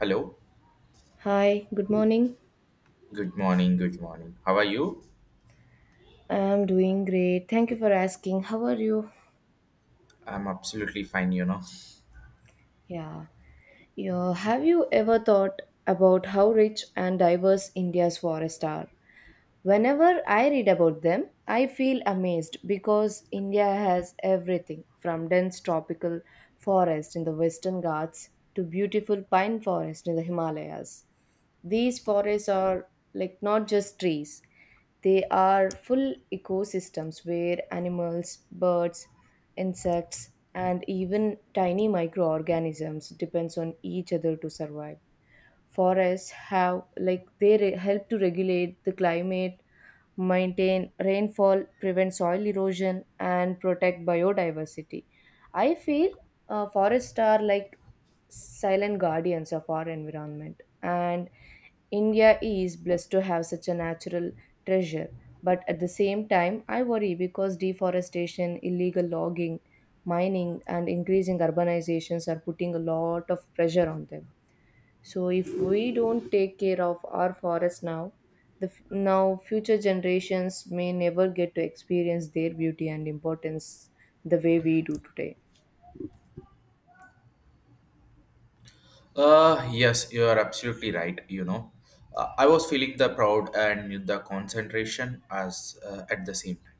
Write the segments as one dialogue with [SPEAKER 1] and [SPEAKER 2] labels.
[SPEAKER 1] Hello.
[SPEAKER 2] Hi, good morning.
[SPEAKER 1] Good morning. Good morning. How are you?
[SPEAKER 2] I'm doing great. Thank you for asking. How are you?
[SPEAKER 1] I'm absolutely fine, you know.
[SPEAKER 2] Yeah. Yeah. Have you ever thought about how rich and diverse India's forests are? Whenever I read about them, I feel amazed because India has everything from dense tropical forest in the Western Ghats to beautiful pine forest in the Himalayas. These forests are like not just trees, they are full ecosystems where animals, birds, insects, and even tiny microorganisms depends on each other to survive. Forests have like help to regulate the climate, maintain rainfall, prevent soil erosion, and protect biodiversity. I feel forests are like silent guardians of our environment, and India is blessed to have such a natural treasure, but at the same time, I worry because deforestation, illegal logging, mining, and increasing urbanizations are putting a lot of pressure on them. So, if we don't take care of our forests now, future generations may never get to experience their beauty and importance the way we do today.
[SPEAKER 1] Yes, you are absolutely right, you know. I was feeling the proud and the concentration as at the same time.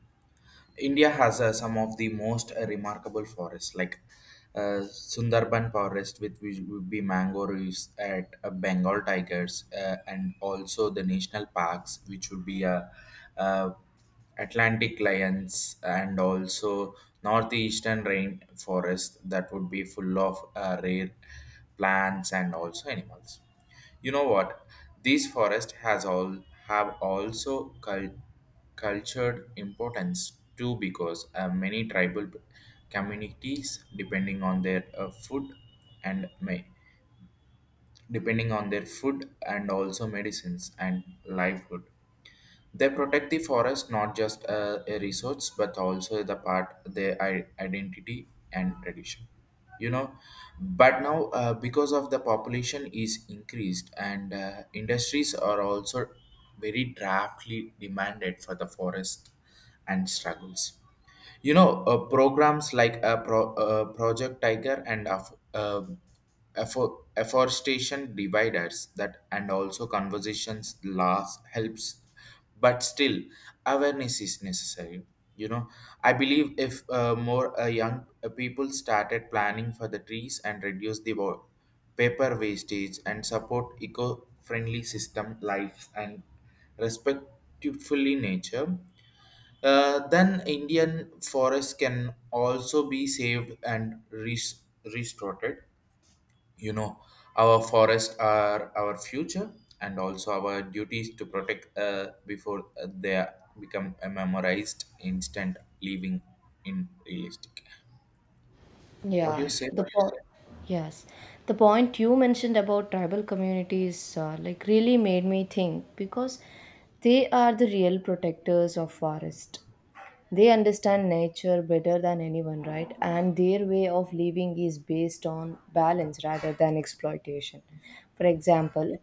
[SPEAKER 1] India has some of the most remarkable forests, like Sundarban forest, which would be mango reefs at Bengal tigers, and also the national parks, which would be uh, Atlantic lions, and also northeastern rain forest that would be full of rare plants and also animals. You know what? These forests has all have also cultured importance too because many tribal communities depending on their food and may depending on their food and also medicines and livelihood, they protect the forest not just a resource but also the part their identity and tradition. You know, but now because of the population is increased and industries are also very draftly demanded for the forest and struggles, you know, programs like project tiger and of afforestation dividers that and also conversations last helps, but still awareness is necessary, you know. I believe if more young people started planning for the trees and reduce the paper wastage and support eco-friendly system life and respectfully nature, then Indian forests can also be saved and restored. You know, our forests are our future and also our duties to protect before they become a memorized instant living in realistic. What do you
[SPEAKER 2] Yeah,
[SPEAKER 1] say?
[SPEAKER 2] the po- yes, the point you mentioned about tribal communities like really made me think because they are the real protectors of forest. They understand nature better than anyone, right? And their way of living is based on balance rather than exploitation. For example,
[SPEAKER 1] Yeah.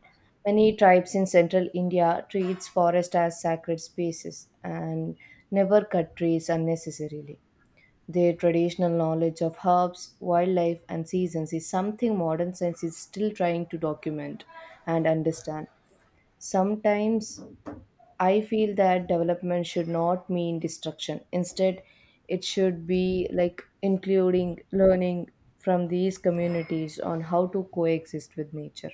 [SPEAKER 2] many tribes in central India treats forest as sacred spaces and never cut trees unnecessarily. Their traditional knowledge of herbs, wildlife, and seasons is something modern science is still trying to document and understand. Sometimes I feel that development should not mean destruction. Instead, it should be like including learning from these communities on how to coexist with nature.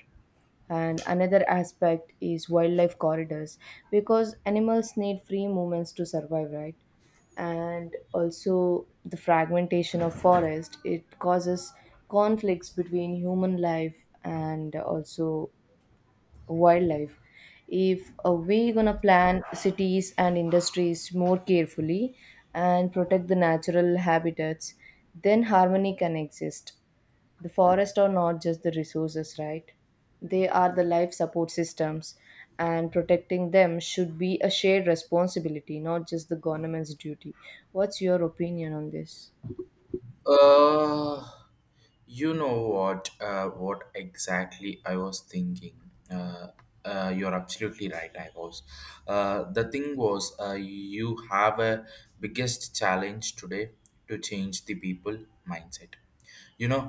[SPEAKER 2] And another aspect is wildlife corridors, because animals need free movements to survive, right? And also, the fragmentation of forest, it causes conflicts between human life and also wildlife. If we gonna plan cities and industries more carefully and protect the natural habitats, then harmony can exist. The forests are not just the resources, right? They are the life support systems, and protecting them should be a shared responsibility, not just the government's duty. What's your opinion on this?
[SPEAKER 1] Uh, You know what? What exactly I was thinking. Uh, you're absolutely right. I was. The thing was, you have a biggest challenge today to change the people mindset. You know,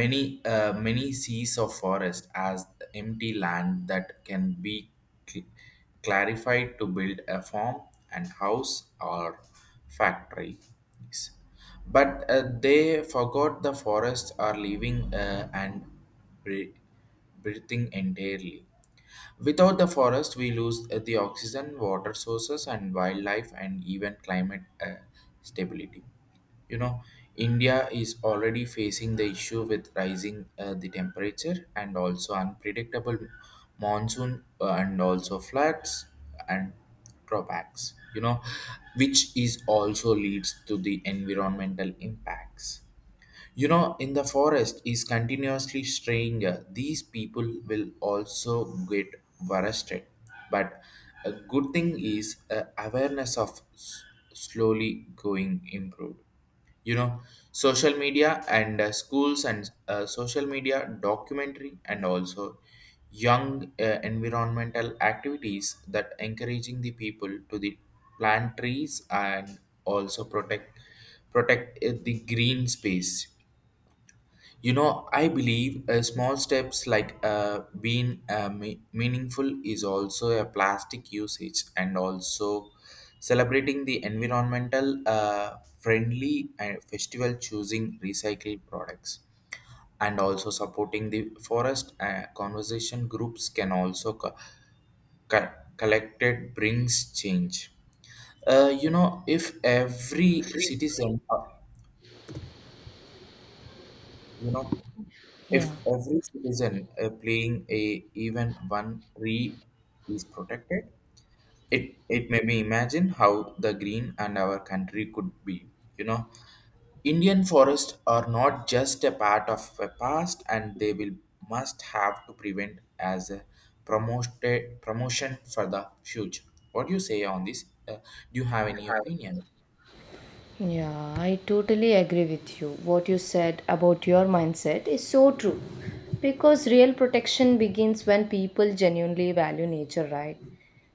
[SPEAKER 1] many many sees of forest as empty land that can be cl- clarified to build a farm and house or factory cities, but they forgot the forests are living and bre- breathing entirely. Without the forest we lose the oxygen, water sources, and wildlife, and even climate uh, stability, you know. India is already facing the issue with rising the temperature and also unpredictable monsoon and also floods and drawbacks, you know, which is also leads to the environmental impacts, you know. In the forest is continuously straying, these people will also get arrested. But a good thing is awareness of slowly going improved, you know. Social media and schools and social media documentary and also young environmental activities that encouraging the people to the plant trees and also protect the green space. You know, I believe small steps like being meaningful is also a plastic usage and also celebrating the environmental friendly and festival, choosing recycled products and also supporting the forest conversation groups can also co- collected brings change. You know, if every citizen You know, if
[SPEAKER 2] Yeah.
[SPEAKER 1] every citizen playing a even one tree is protected, it may be imagine how the green and our country could be. You know, Indian forests are not just a part of a past, and they will must have to prevent as a promoted promotion for the future. What do you say on this? Do you have any opinion?
[SPEAKER 2] Yeah, I totally agree with you. What you said about your mindset is so true, because real protection begins when people genuinely value nature, right?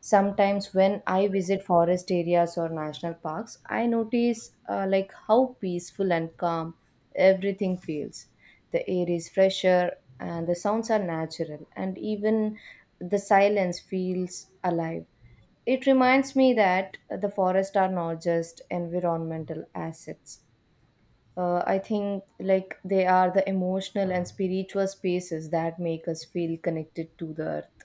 [SPEAKER 2] Sometimes when I visit forest areas or national parks, I notice like how peaceful and calm everything feels. The air is fresher and the sounds are natural and even the silence feels alive. It reminds me that the forests are not just environmental assets. I think like they are the emotional and spiritual spaces that make us feel connected to the earth.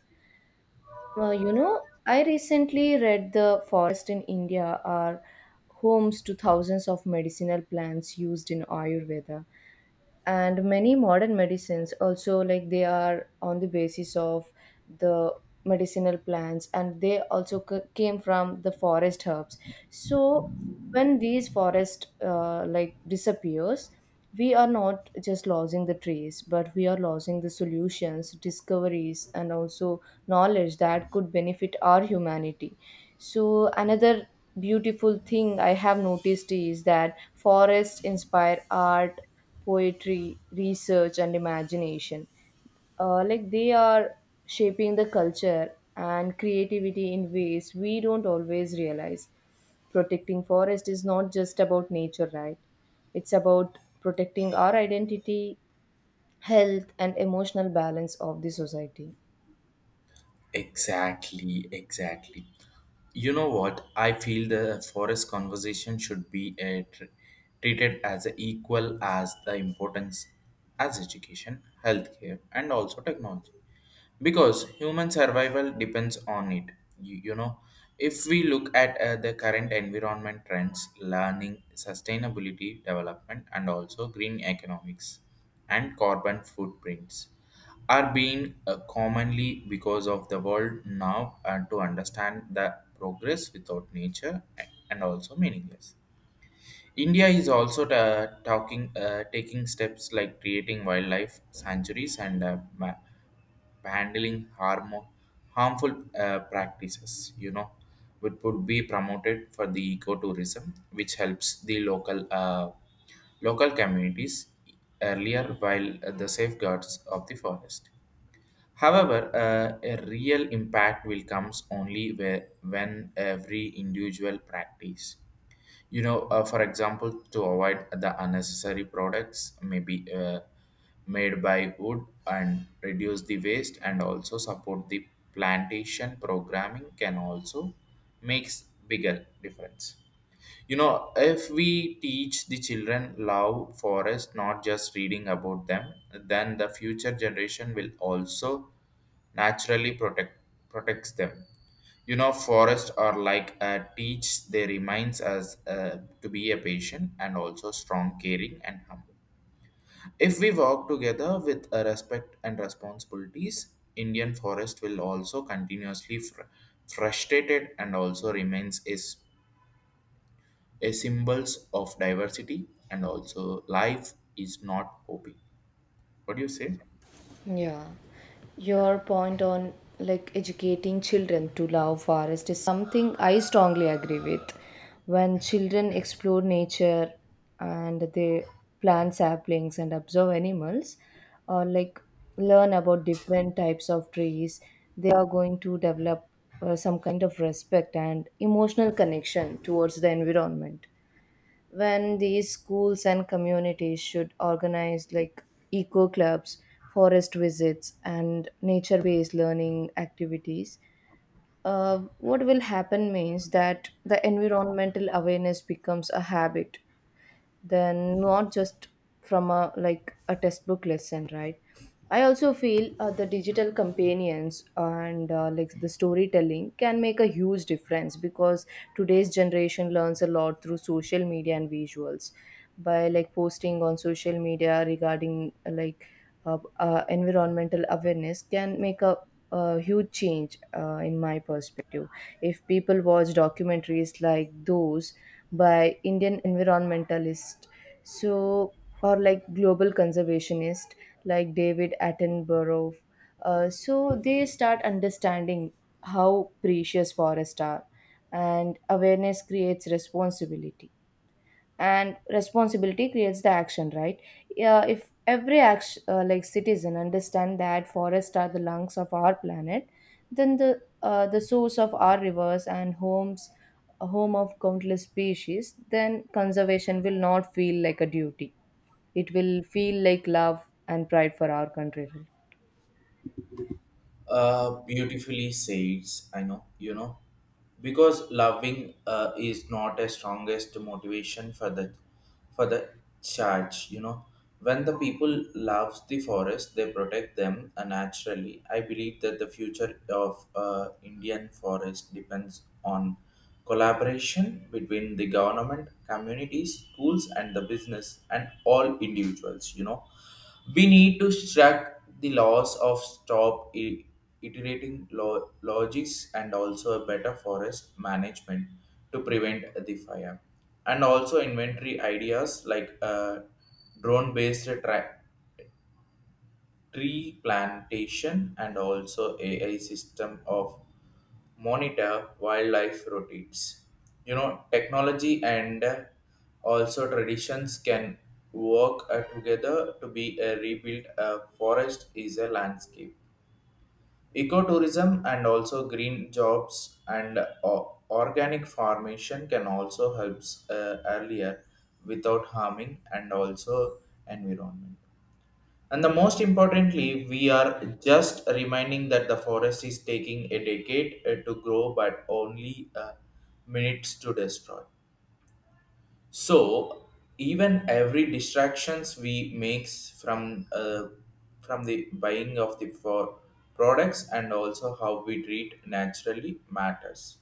[SPEAKER 2] You know, I recently read the forest in India are homes to thousands of medicinal plants used in Ayurveda, and many modern medicines also, like they are on the basis of the medicinal plants, and they also came from the forest herbs. So when these forest like disappears, we are not just losing the trees, but we are losing the solutions, discoveries, and also knowledge that could benefit our humanity. So another beautiful thing I have noticed is that forests inspire art, poetry, research, and imagination. Like they are shaping the culture and creativity in ways we don't always realize. Protecting forest is not just about nature, right? It's about protecting our identity, health, and emotional balance of the society.
[SPEAKER 1] Exactly, exactly. You know what? I feel the forest conversation should be treated as equal as the importance as education, healthcare, and also technology, because human survival depends on it. You know, if we look at the current environment trends learning sustainability development and also green economics and carbon footprints are being commonly because of the world now, and to understand the progress without nature and also meaningless. India is also talking, taking steps like creating wildlife sanctuaries and handling harmful practices. You know, which would be promoted for the ecotourism, which helps the local local communities earlier while the safeguards of the forest. However, a real impact will comes only where, when every individual practice, you know. For example, to avoid the unnecessary products maybe made by wood and reduce the waste and also support the plantation programming can also makes bigger difference. You know, if we teach the children love forest not just reading about them, then the future generation will also naturally protects them, you know. Forests are like a teach, they reminds us to be a patient and also strong, caring, and humble. If we work together with a respect and responsibilities, indian forest will also continuously frustrated and also remains is a symbols of diversity and also life is not open. What do you say?
[SPEAKER 2] Yeah, your point on like educating children to love forest is something I strongly agree with. When children explore nature and they plant saplings and observe animals, or like learn about different types of trees, they are going to develop some kind of respect and emotional connection towards the environment. When these schools and communities should organize like eco clubs, forest visits, and nature based learning activities, what will happen means that the environmental awareness becomes a habit, then not just from a like a textbook lesson, right? I also feel the digital companions and like the storytelling can make a huge difference, because today's generation learns a lot through social media and visuals. By like posting on social media regarding like environmental awareness can make a huge change in my perspective. If people watch documentaries like those by Indian environmentalist, so or like global conservationist like David Attenborough. So they start understanding how precious forests are. And awareness creates responsibility, and responsibility creates the action, right? Yeah, if every action like citizen understand that forests are the lungs of our planet, then the source of our rivers and homes, a home of countless species, then conservation will not feel like a duty. It will feel like love and pride for our country, right?
[SPEAKER 1] Beautifully says, I know, you know. Because loving is not a strongest motivation for the charge, you know. When the people loves the forest they protect them naturally. I believe that the future of indian forest depends on collaboration between the government, communities, schools, and the business, and all individuals, you know. We need to track the laws of stop iterating logics and also a better forest management to prevent the fire. And also inventory ideas like drone based tree plantation and also AI system of monitor wildlife routes. You know, technology and also traditions can work together to be a rebuilt a forest is a landscape. Ecotourism and also green jobs and organic formation can also helps earlier without harming and also environment. And the most importantly, we are just reminding that the forest is taking a decade to grow, but only minutes to destroy. So even every distractions we makes from from the buying of the for products and also how we treat naturally matters.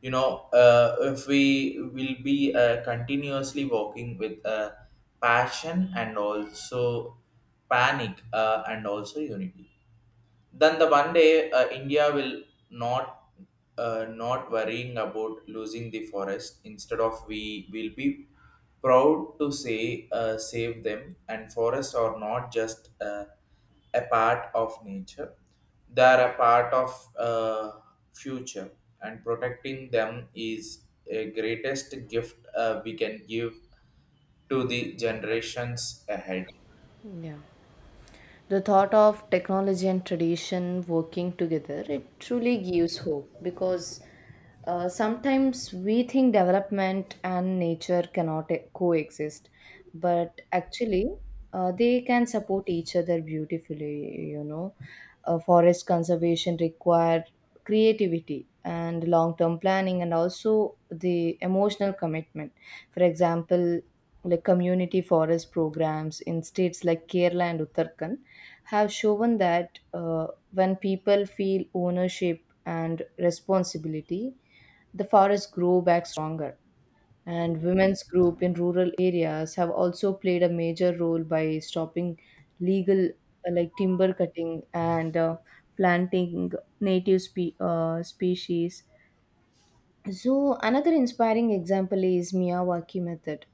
[SPEAKER 1] You know, if we will be continuously walking with passion and also panic and also unity, then the one day India will not not worrying about losing the forest. Instead of we will be proud to say, save them. And forests are not just a part of nature; they are a part of future. And protecting them is a greatest gift we can give to the generations ahead.
[SPEAKER 2] Yeah. The thought of technology and tradition working together, it truly gives hope, because sometimes we think development and nature cannot coexist, but actually they can support each other beautifully. You know, forest conservation require creativity and long term planning and also the emotional commitment. For example, like community forest programs in states like Kerala and Uttarakhand have shown that, when people feel ownership and responsibility, the forests grow back stronger. And women's group in rural areas have also played a major role by stopping legal like timber cutting and planting native species. So another inspiring example is Miyawaki method,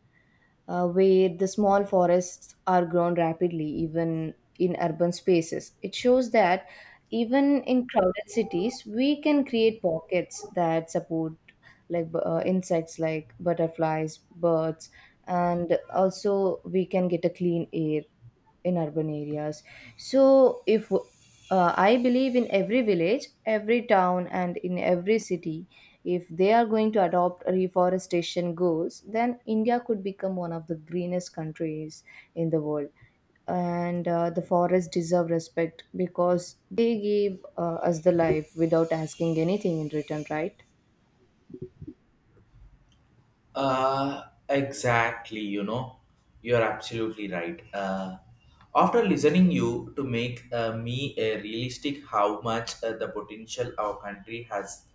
[SPEAKER 2] where the small forests are grown rapidly, even in urban spaces. It shows that even in crowded cities, we can create pockets that support like insects like butterflies, birds, and also we can get a clean air in urban areas. So if I believe in every village, every town, and in every city, if they are going to adopt reforestation goals, then India could become one of the greenest countries in the world. And the forests deserve respect, because they give us the life without asking anything in return, right?
[SPEAKER 1] Exactly, you know, you're absolutely right. After listening you to make me a realistic how much the potential our country has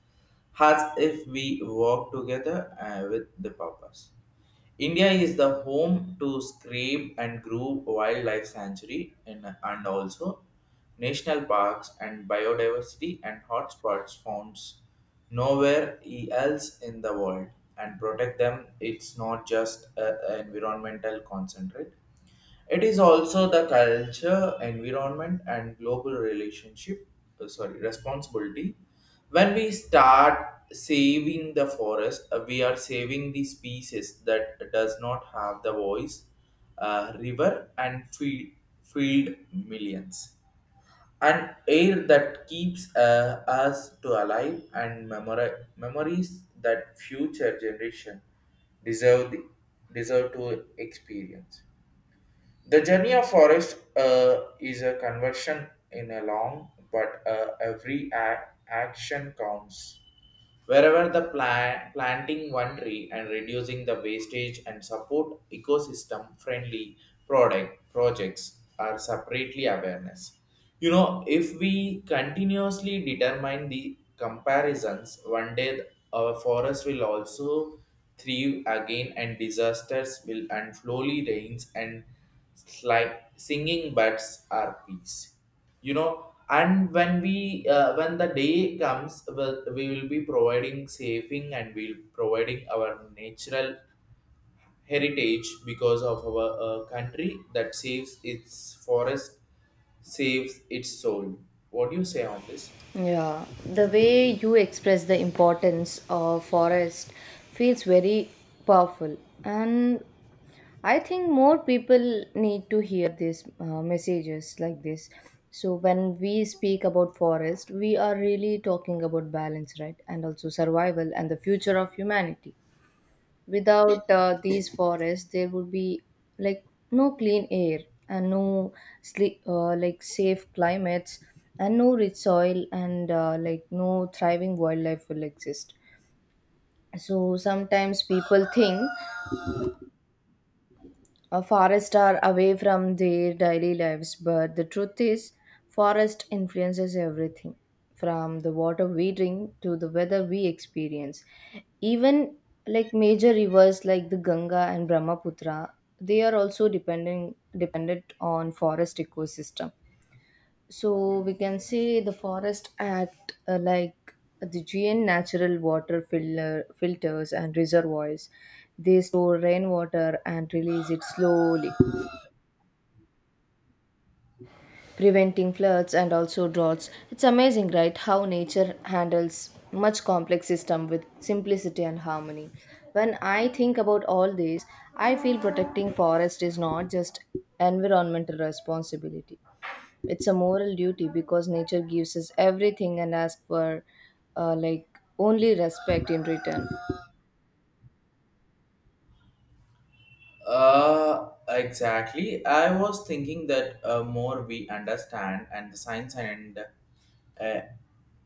[SPEAKER 1] has if we work together with the purpose. India is the home to Scrape and Grove Wildlife Sanctuary and also national parks and biodiversity and hotspots found nowhere else in the world, and protect them it's not just an environmental concentrate, it is also the culture, environment, and global relationship, sorry, responsibility. When we start saving the forest, we are saving the species that does not have the voice, river, and field millions. And air that keeps us to alive and memories that future generation deserve, the, deserve to experience. The journey of forest is a conversion in a long, but every action counts. Wherever the planting one tree and reducing the wastage and support ecosystem friendly product projects are separately awareness. You know, if we continuously determine the comparisons, one day our forest will also thrive again, and disasters will and slowly rains and like singing birds are peace, you know. And when we when the day comes well, we will be providing saving and we'll providing our natural heritage because of our country that saves its forest, saves its soul. What do you say on this?
[SPEAKER 2] Yeah, the way you express the importance of forest feels very powerful, and I think more people need to hear these messages like this. So when we speak about forest, we are really talking about balance, right? And also survival and the future of humanity. Without these forests, there would be like no clean air, and no like safe climates, and no rich soil, and like no thriving wildlife will exist. So sometimes people think forests are away from their daily lives, but the truth is, forest influences everything from the water we drink to the weather we experience. Even like major rivers like the Ganga and Brahmaputra, they are also depending dependent on forest ecosystem. So we can say the forest act like the GN natural water filters and reservoirs. They store rainwater and release it slowly, preventing floods and also droughts. It's amazing, right, how nature handles much complex system with simplicity and harmony. When I think about all this, I feel protecting forest is not just environmental responsibility. It's a moral duty, because nature gives us everything and asks for like only respect in return.
[SPEAKER 1] Exactly. I was thinking that more we understand and the science and uh,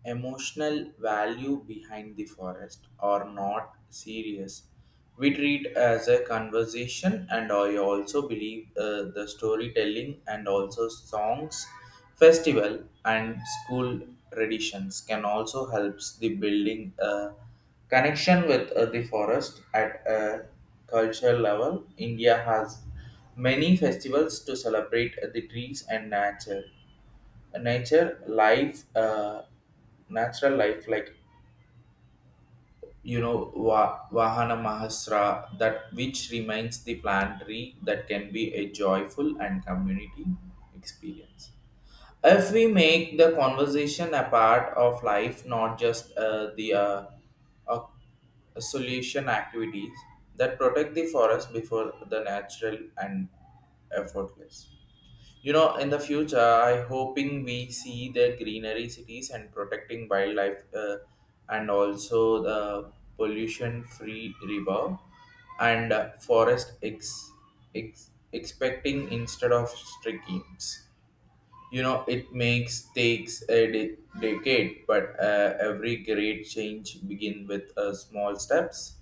[SPEAKER 1] emotional value behind the forest are not serious. We treat as a conversation, and I also believe the storytelling and also songs, festival, and school traditions can also helps the building a connection with the forest at a cultural level. India has many festivals to celebrate the trees and nature. Nature life, natural life, like Vahana Mahasra, that which reminds the plant tree that can be a joyful and community experience if we make the conversation a part of life, not just the uh, solution activities that protect the forest before the natural and effortless. In the future, I hoping we see the greenery cities and protecting wildlife, and also the pollution free river, and forest expecting instead of strict schemes. It makes takes a decade, but every great change begin with small steps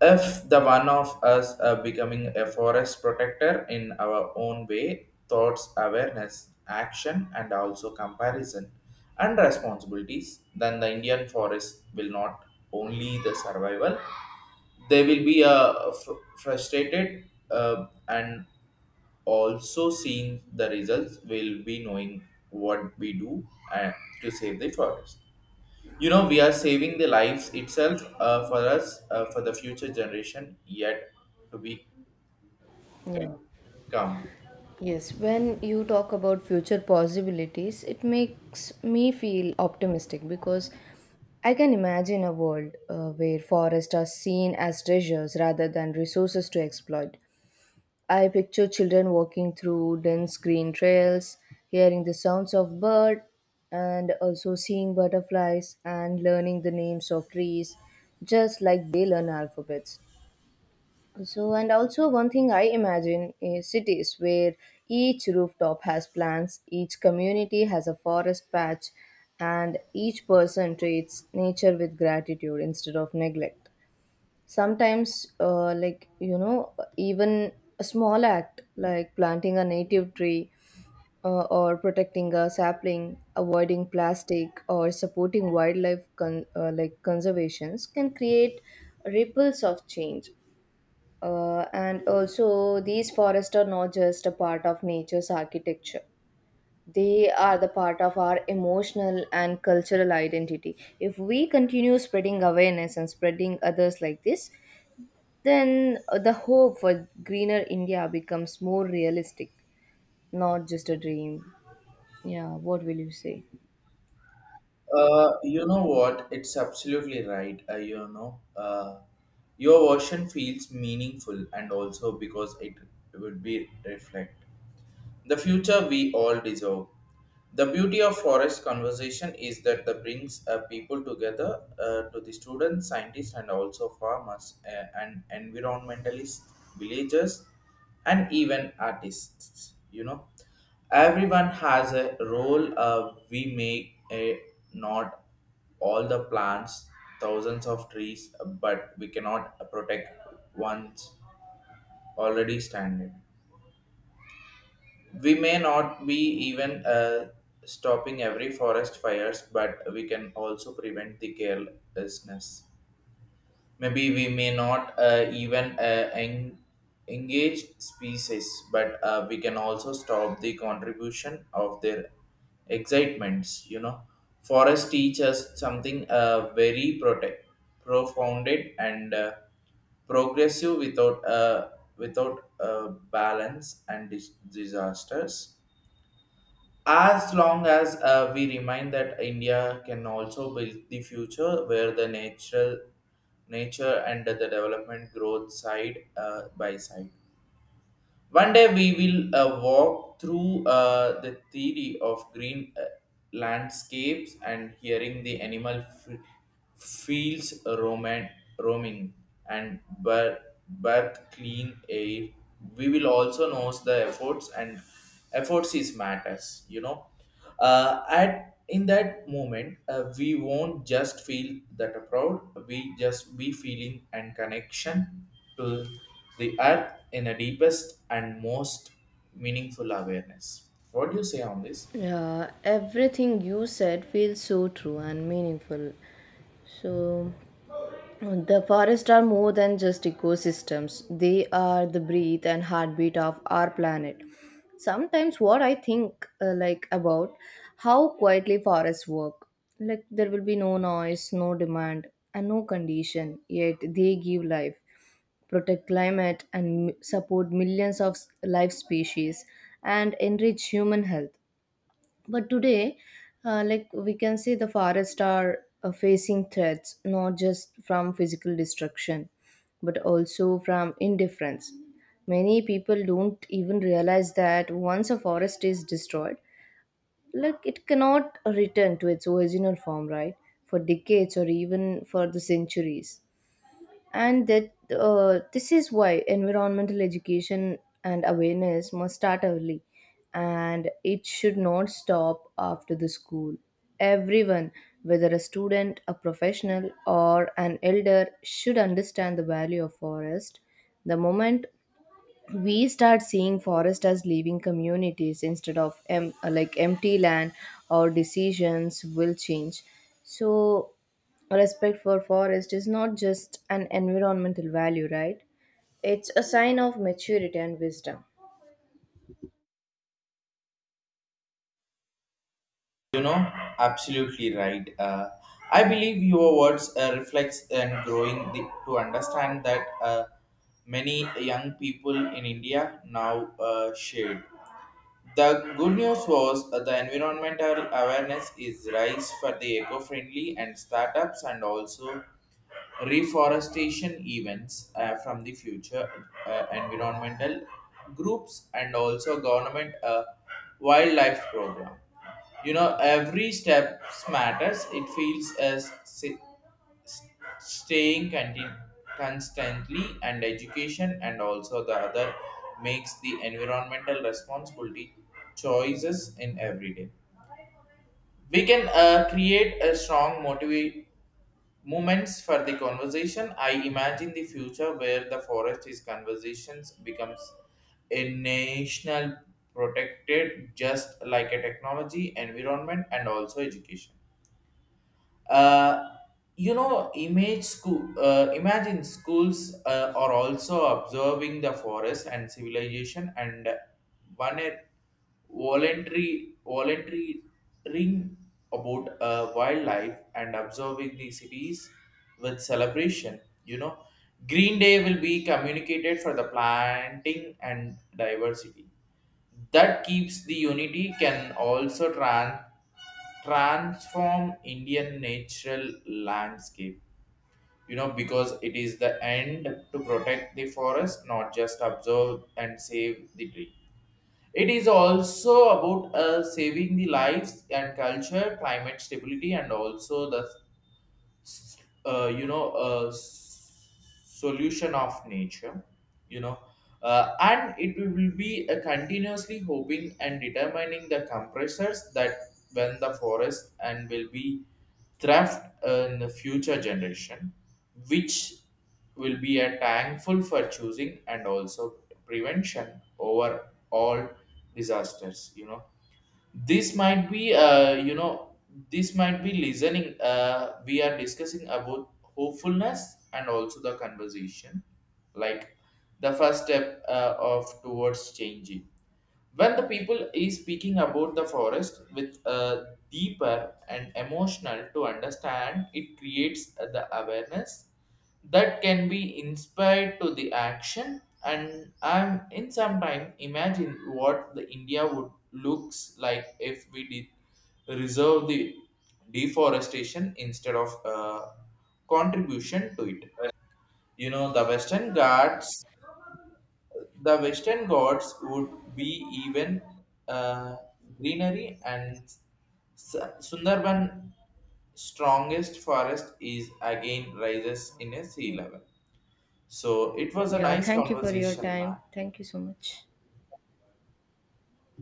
[SPEAKER 1] if the one of us are becoming a forest protector in our own way, thoughts, awareness, action, and also comparison and responsibilities. Then the Indian forest will not only the survival, they will be frustrated, and also seeing the results will be knowing what we do and to save the forest. We are saving the lives itself, for us, for the future generation yet to be
[SPEAKER 2] Yeah.
[SPEAKER 1] come.
[SPEAKER 2] Yes, when you talk about future possibilities, it makes me feel optimistic, because I can imagine a world where forests are seen as treasures rather than resources to exploit. I picture children walking through dense green trails, hearing the sounds of birds, and also seeing butterflies and learning the names of trees just like they learn alphabets. So, and also one thing I imagine is cities where each rooftop has plants, each community has a forest patch, and each person treats nature with gratitude instead of neglect. Sometimes, like, you know, even a small act like planting a native tree or protecting a sapling, avoiding plastic, or supporting wildlife like conservations can create ripples of change. And also, these forests are not just a part of nature's architecture, they are the part of our emotional and cultural identity. If we continue spreading awareness and spreading others like this, then the hope for greener India becomes more realistic, not just a dream. Yeah, what will you say?
[SPEAKER 1] You know what, it's absolutely right. Your version feels meaningful and also because it would be reflect the future we all deserve. The beauty of forest conversation is that the brings people together, to the students, scientists, and also farmers, and environmentalists, villagers, and even artists. You know, everyone has a role. We may not all the plants, thousands of trees, but we cannot protect one's already standing. We may not be even stopping every forest fires, but we can also prevent the carelessness. Maybe we may not even engage species, but we can also stop the contribution of their excitements. You know, forest teach us something very protect, profounded, and progressive without balance and disasters, as long as we remind that India can also build the future where the natural nature and the development growth side by side. One day we will walk through the theory of green landscapes and hearing the animal fields roaming and bird clean air. We will also know the efforts and efforts is matters, you know. At in that moment, we won't just feel that proud, we just be feeling and connection to the earth in a deepest and most meaningful awareness. What do you say on this?
[SPEAKER 2] Yeah, everything you said feels so true and meaningful. So, the forests are more than just ecosystems, they are the breath and heartbeat of our planet. Sometimes, what I think like about how quietly forests work. Like, there will be no noise, no demand, and no condition, yet, they give life, protect climate, and support millions of life species, and enrich human health. But today, like we can say, the forests are facing threats not just from physical destruction, but also from indifference. Many people don't even realize that once a forest is destroyed, like it cannot return to its original form, right? For decades or even for the centuries. And that this is why environmental education and awareness must start early, and it should not stop after the school. Everyone, whether a student, a professional, or an elder, should understand the value of forest. The moment we start seeing forest as living communities instead of like empty land, our decisions will change. So respect for forest is not just an environmental value, right? It's a sign of maturity and wisdom.
[SPEAKER 1] you know Absolutely right. I believe your words reflects and growing the, to understand that many young people in India now shared. The good news was the environmental awareness is rise for the eco-friendly and startups and also reforestation events, from the future environmental groups and also government wildlife program. You know, every step matters. It feels as s- staying constantly and education, and also the other makes the environmental responsibility choices in every day. We can create a strong motivate moments for the conversation. I imagine the future where the forest is conversations becomes a national protected, just like a technology environment and also education. uh, Imagine schools are also observing the forest and civilization and one a voluntary ring about wildlife and observing the cities with celebration. You know, Green Day will be communicated for the planting and diversity that keeps the unity can also transform Indian natural landscape. Because it is the end to protect the forest not just observe and save the tree, it is also about saving the lives and culture, climate stability, and also the uh, you know uh, solution of nature. you know and it will be a continuously hoping and determining the compressors that when the forest and will be thrift, in the future generation, which will be a thankful for choosing and also prevention over all disasters, you know. this might be uh, you know this might be listening. We are discussing about hopefulness and also the conversation, like the first step of towards changing when the people is speaking about the forest with a deeper and emotional to understand it creates the awareness that can be inspired to the action. And I'm in some time imagine what the India would looks like if we did reserve the deforestation instead of contribution to it. you know the western ghats the western Ghats would be even uh, greenery, and Sundarban strongest forest is again rises in a sea level. So it was a
[SPEAKER 2] Yeah,
[SPEAKER 1] nice
[SPEAKER 2] thank you for your
[SPEAKER 1] conversation, man.
[SPEAKER 2] time. Thank you so much.